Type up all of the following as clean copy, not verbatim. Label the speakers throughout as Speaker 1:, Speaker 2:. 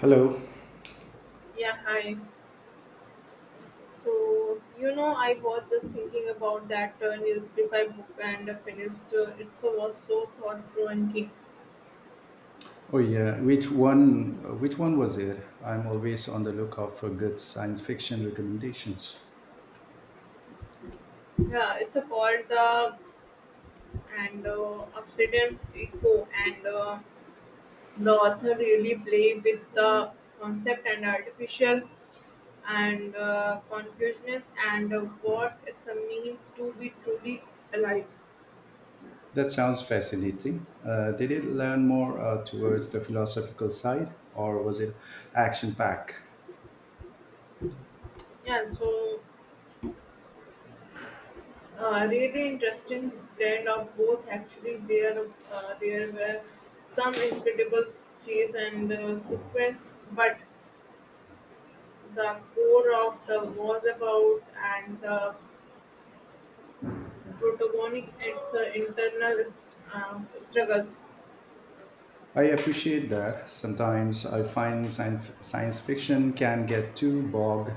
Speaker 1: Hello.
Speaker 2: Yeah, hi. So, I was just thinking about that Newsify book and finished it so was so thought provoking.
Speaker 1: Oh yeah, which one? Which one was it? I'm always on the lookout for good science fiction recommendations.
Speaker 2: Yeah, it's called the and Obsidian Echo, and the author really played with the concept and artificial and consciousness and what it's a mean to be truly alive.
Speaker 1: That sounds fascinating. Did it learn more towards the philosophical side, or was it action packed?
Speaker 2: Yeah, so really interesting blend of both actually there there were some incredible chase and sequence but the core of the was about and the protagonist its internal struggles
Speaker 1: I appreciate that. Sometimes I find science fiction can get too bogged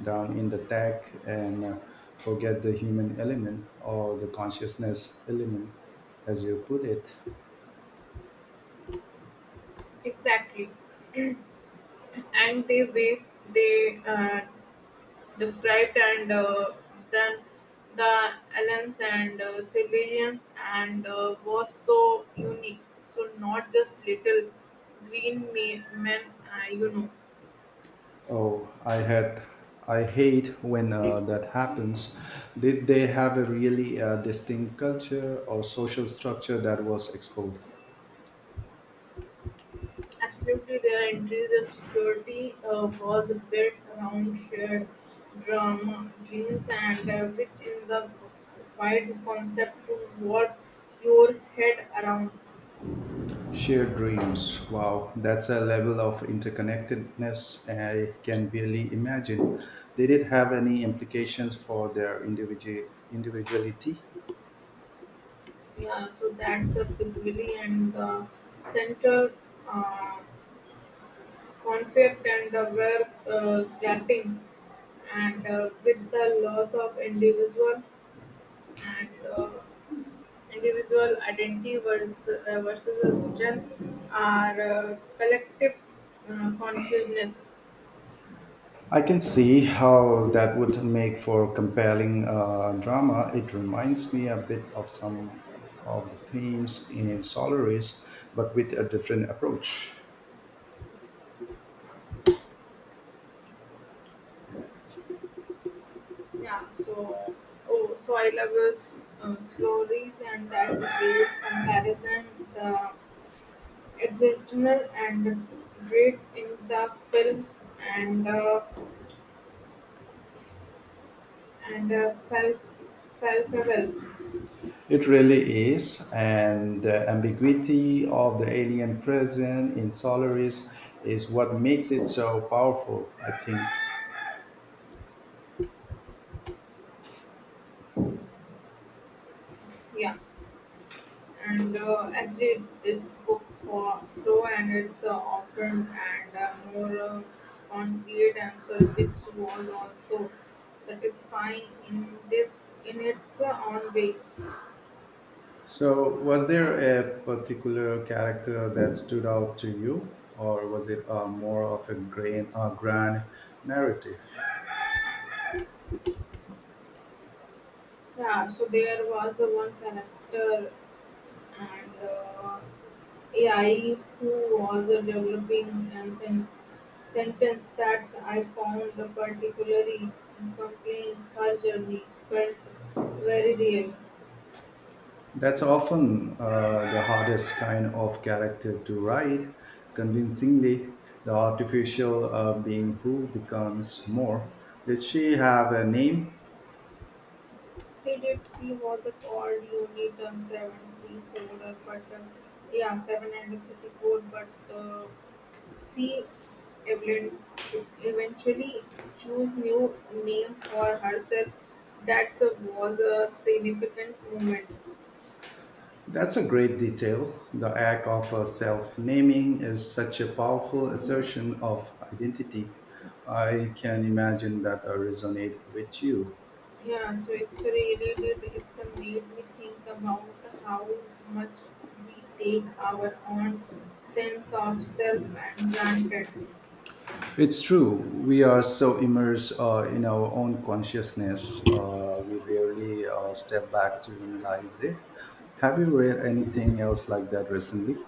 Speaker 1: down in the tech and forget the human element or the consciousness element, as you put it.
Speaker 2: exactly and they way they described and then the aliens and civilians and was so unique so not just little green men uh, you know
Speaker 1: Oh, I had, I hate when that happens. Did they have a really distinct culture or social structure that was explored?
Speaker 2: Absolutely, their entries the security was built around shared drama dreams and which in the wide concept to warp your head around.
Speaker 1: Shared dreams. Wow, that's a level of interconnectedness I can barely imagine. Did it have any implications for their individuality?
Speaker 2: Yeah so that's the visibility and the central uh, conflict and the were gapping, and with the loss of individual and uh, individual identity versus the strength are collective consciousness.
Speaker 1: I can see how that would make for compelling drama. It reminds me a bit of some of the themes in Solaris, but with a different approach.
Speaker 2: Yeah, so oh, so I love your stories, and that's a great comparison. The exceptional and great in the film and. And uh, Fal- Falfel,
Speaker 1: It really is, and the ambiguity of the alien present in Solaris is what makes it so powerful, I think.
Speaker 2: yeah, and agreed is cooked for, through and it's often and more concrete answer, which was also satisfying in this in its own way.
Speaker 1: So, was there a particular character that stood out to you, or was it more of a grand narrative?
Speaker 2: Yeah, so there was one character and AI who was developing and sentence that I found particularly compelling, her journey felt very real.
Speaker 1: That's often the hardest kind of character to write. Convincingly, the artificial being who becomes more. Did she have a name?
Speaker 2: She did. She was called unit 74, but yeah, 734, but uh, she Evelyn should eventually choose new name for herself. That was a significant moment.
Speaker 1: That's a great detail. The act of self naming is such a powerful assertion of identity. I can imagine that resonate with you.
Speaker 2: It's really did. It's made me think about how much we take our own sense of self and granted.
Speaker 1: It's true. We are so immersed in our own consciousness, we rarely step back to analyze it. Have you read anything else like that recently?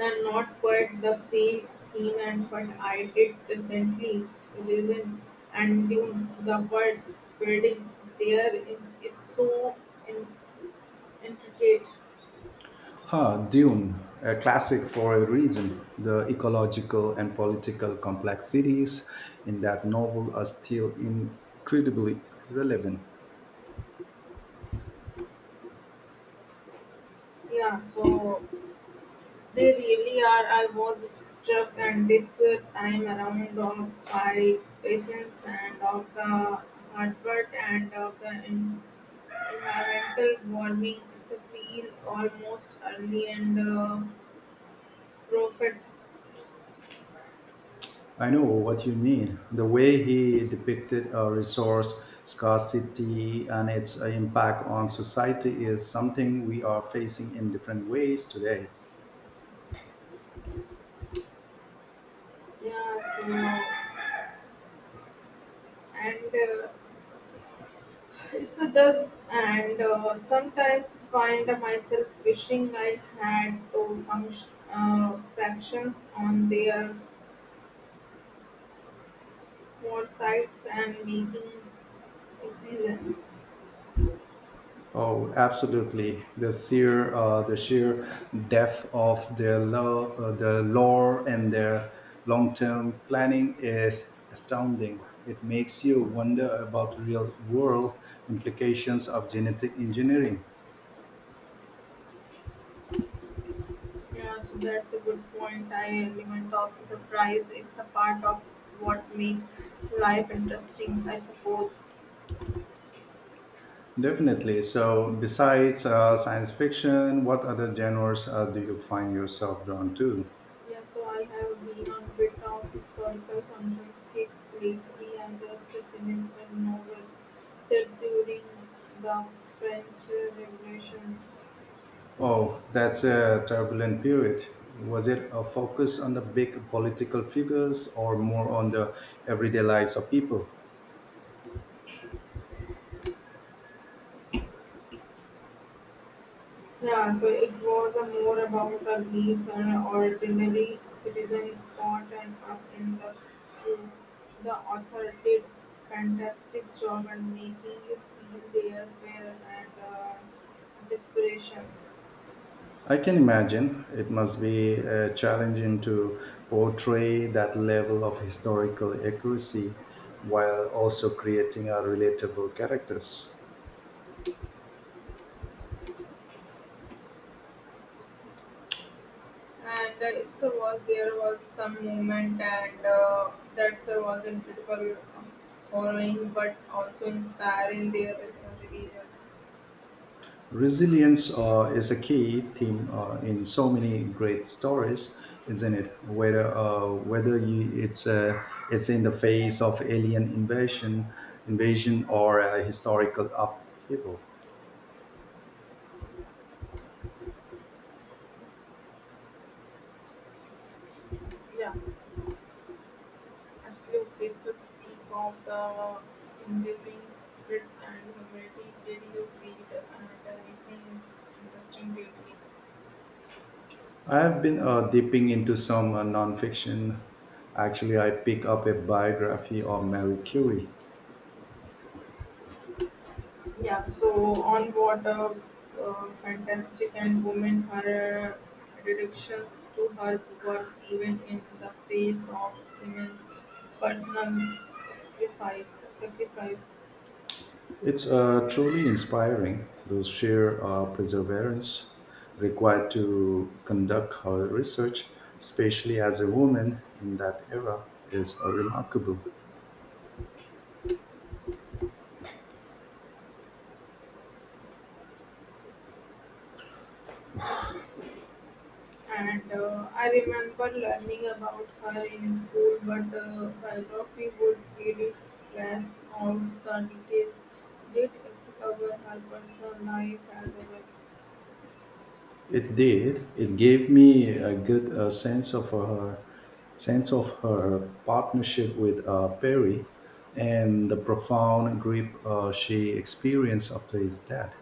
Speaker 2: And not quite the same theme and what I did recently, listen and Dune, the word building there is so in- intricate.
Speaker 1: Huh, Dune, a classic for a reason. The ecological and political complexities in that novel are still incredibly relevant.
Speaker 2: Yeah, so they really are. I was struck and this time around of by patience and of the hard work and of the environmental warming. It's a feel almost early and profit.
Speaker 1: I know what you mean. The way he depicted a resource scarcity and its impact on society is something we are facing in different ways today.
Speaker 2: Yeah, so and it's a dust and sometimes find myself wishing I had to function fractions on their foresights and making decisions.
Speaker 1: Oh, absolutely. The sheer depth of their the lore and their long-term planning is astounding. It makes you wonder about real-world implications of genetic engineering.
Speaker 2: Yeah, so that's a good point. I element of surprise. It's a part of what makes life interesting, I suppose.
Speaker 1: Definitely. So, besides science fiction, what other genres do you find yourself drawn to?
Speaker 2: Yeah, so I have been on bit of historical conference kick lately and just finished a novel set during the French Revolution.
Speaker 1: Oh, that's a turbulent period. Was it a focus on the big political figures or more on the everyday lives of people?
Speaker 2: Yeah, so it was a more about a leaf an ordinary citizen caught and up in the truth. The author did fantastic job and making you feel their fear and desperations.
Speaker 1: I can imagine it must be challenging to portray that level of historical accuracy while also creating relatable characters.
Speaker 2: And It's a was there was some moment and that's a was incredible following but also inspiring their religious.
Speaker 1: Resilience is a key theme in so many great stories, isn't it? Whether whether you, it's It's in the face of invasion or a historical upheaval.
Speaker 2: Absolutely, it's a speak of the enduring spirit and humility. Did you read and anything interesting lately?
Speaker 1: I have been dipping into some nonfiction. Actually, I pick up a biography of Mary Curie.
Speaker 2: Yeah, so, on what a fantastic and woman her dedications to her work, even in the face of immense personal sacrifice. Sacrifice,
Speaker 1: It's truly inspiring. Those sheer perseverance required to conduct her research, especially as a woman in that era, is remarkable.
Speaker 2: yeah. And I remember learning about her in school, but biography would really flash all the details. Did it cover her personal life as well?
Speaker 1: It did. It gave me a good sense of her partnership with Perry and the profound grief she experienced after his death.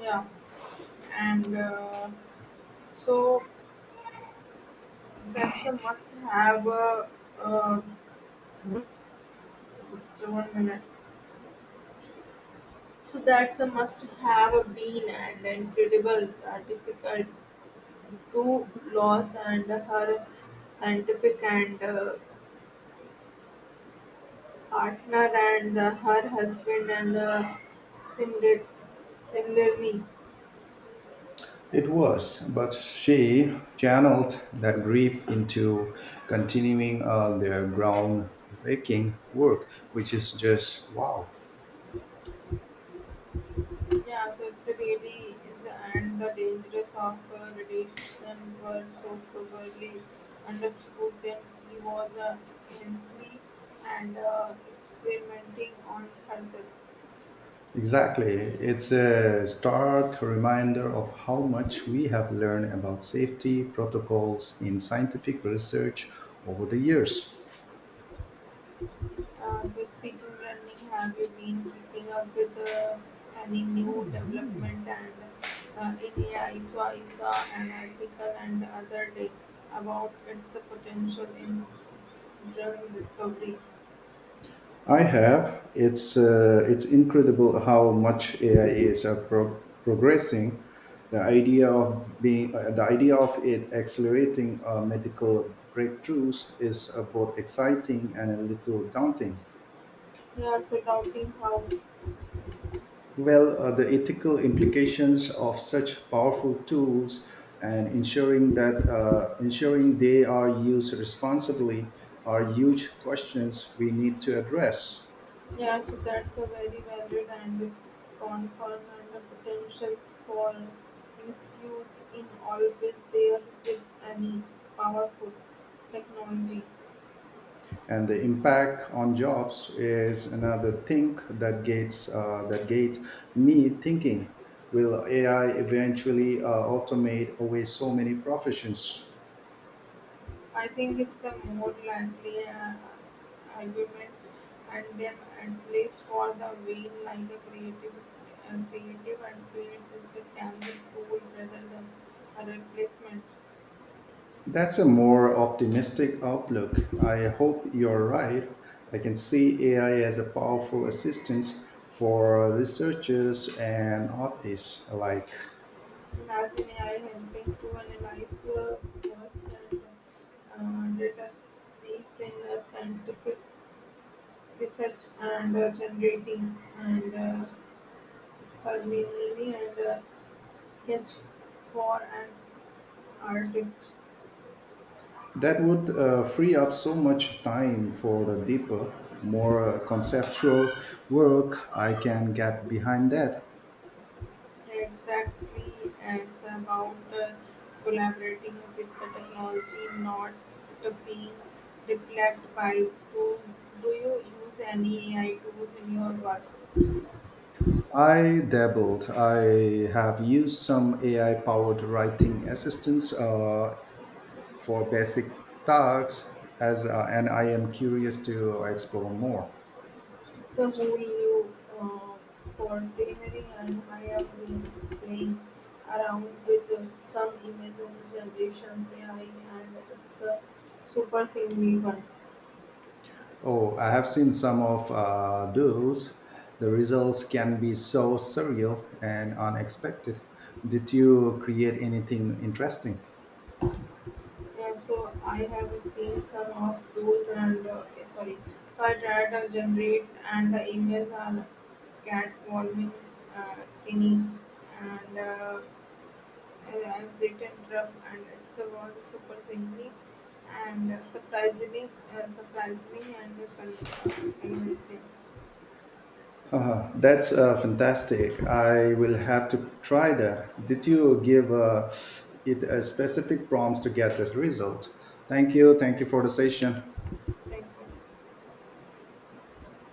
Speaker 2: Yeah, and so that's a must-have. Uh, just one minute. So that's a must-have been and incredible, difficult to lose, and her scientific and partner and her husband and similar, similarly.
Speaker 1: It was, but she channeled that grief into continuing their groundbreaking work, which is just wow.
Speaker 2: Yeah, so it really is, and the dangers of radiation were so clearly understood that she was intensely and experimenting on herself.
Speaker 1: Exactly. It's a stark reminder of how much we have learned about safety protocols in scientific research over the years.
Speaker 2: So speaking learning, have you been keeping up with any new development and in AI? So I saw an article and the other day about its potential in drug discovery.
Speaker 1: I have. It's incredible how much AI is progressing. The idea of it accelerating medical breakthroughs is both exciting and a little daunting.
Speaker 2: Yeah, so doubting how.
Speaker 1: Well, the ethical implications of such powerful tools and ensuring they are used responsibly are huge questions we need to address.
Speaker 2: Yeah, so that's a very valued and confirmed and the potentials for misuse in always there with any powerful technology.
Speaker 1: And the impact on jobs is another thing that gets me thinking. Will AI eventually automate away so many professions?
Speaker 2: I think it's a more likely argument, and then at least for the vein like a creative, creative and creates it can be tool rather than a replacement.
Speaker 1: That's a more optimistic outlook. I hope you're right. I can see AI as a powerful assistance for researchers and artists alike.
Speaker 2: As in AI helping to analyze worst and data sets in scientific research and generating and culinary and sketch for an artist.
Speaker 1: That would free up so much time for the deeper, more conceptual work. I can get behind that.
Speaker 2: Exactly, it's about collaborating with the technology, not being replaced by. Do, do you use any AI tools in your work?
Speaker 1: I dabbled. I have used some AI powered writing assistants for basic tasks, and I am curious to explore more.
Speaker 2: It's a whole new uh, coordinatory, and I have been playing around with some image generations AI, and it's a super simple one.
Speaker 1: Oh, I have seen some of those. The results can be so surreal and unexpected. Did you create anything interesting?
Speaker 2: Yeah, so I have seen some of those, and sorry, so I tried to generate, and the images are catcalling, uh, tinny, and I've written rough, and it's a was super singly and surprisingly, and convincing.
Speaker 1: Haha, that's fantastic. I will have to try that. Did you give it a specific prompts to get this result? Thank you. Thank you for the session.
Speaker 2: Thank you.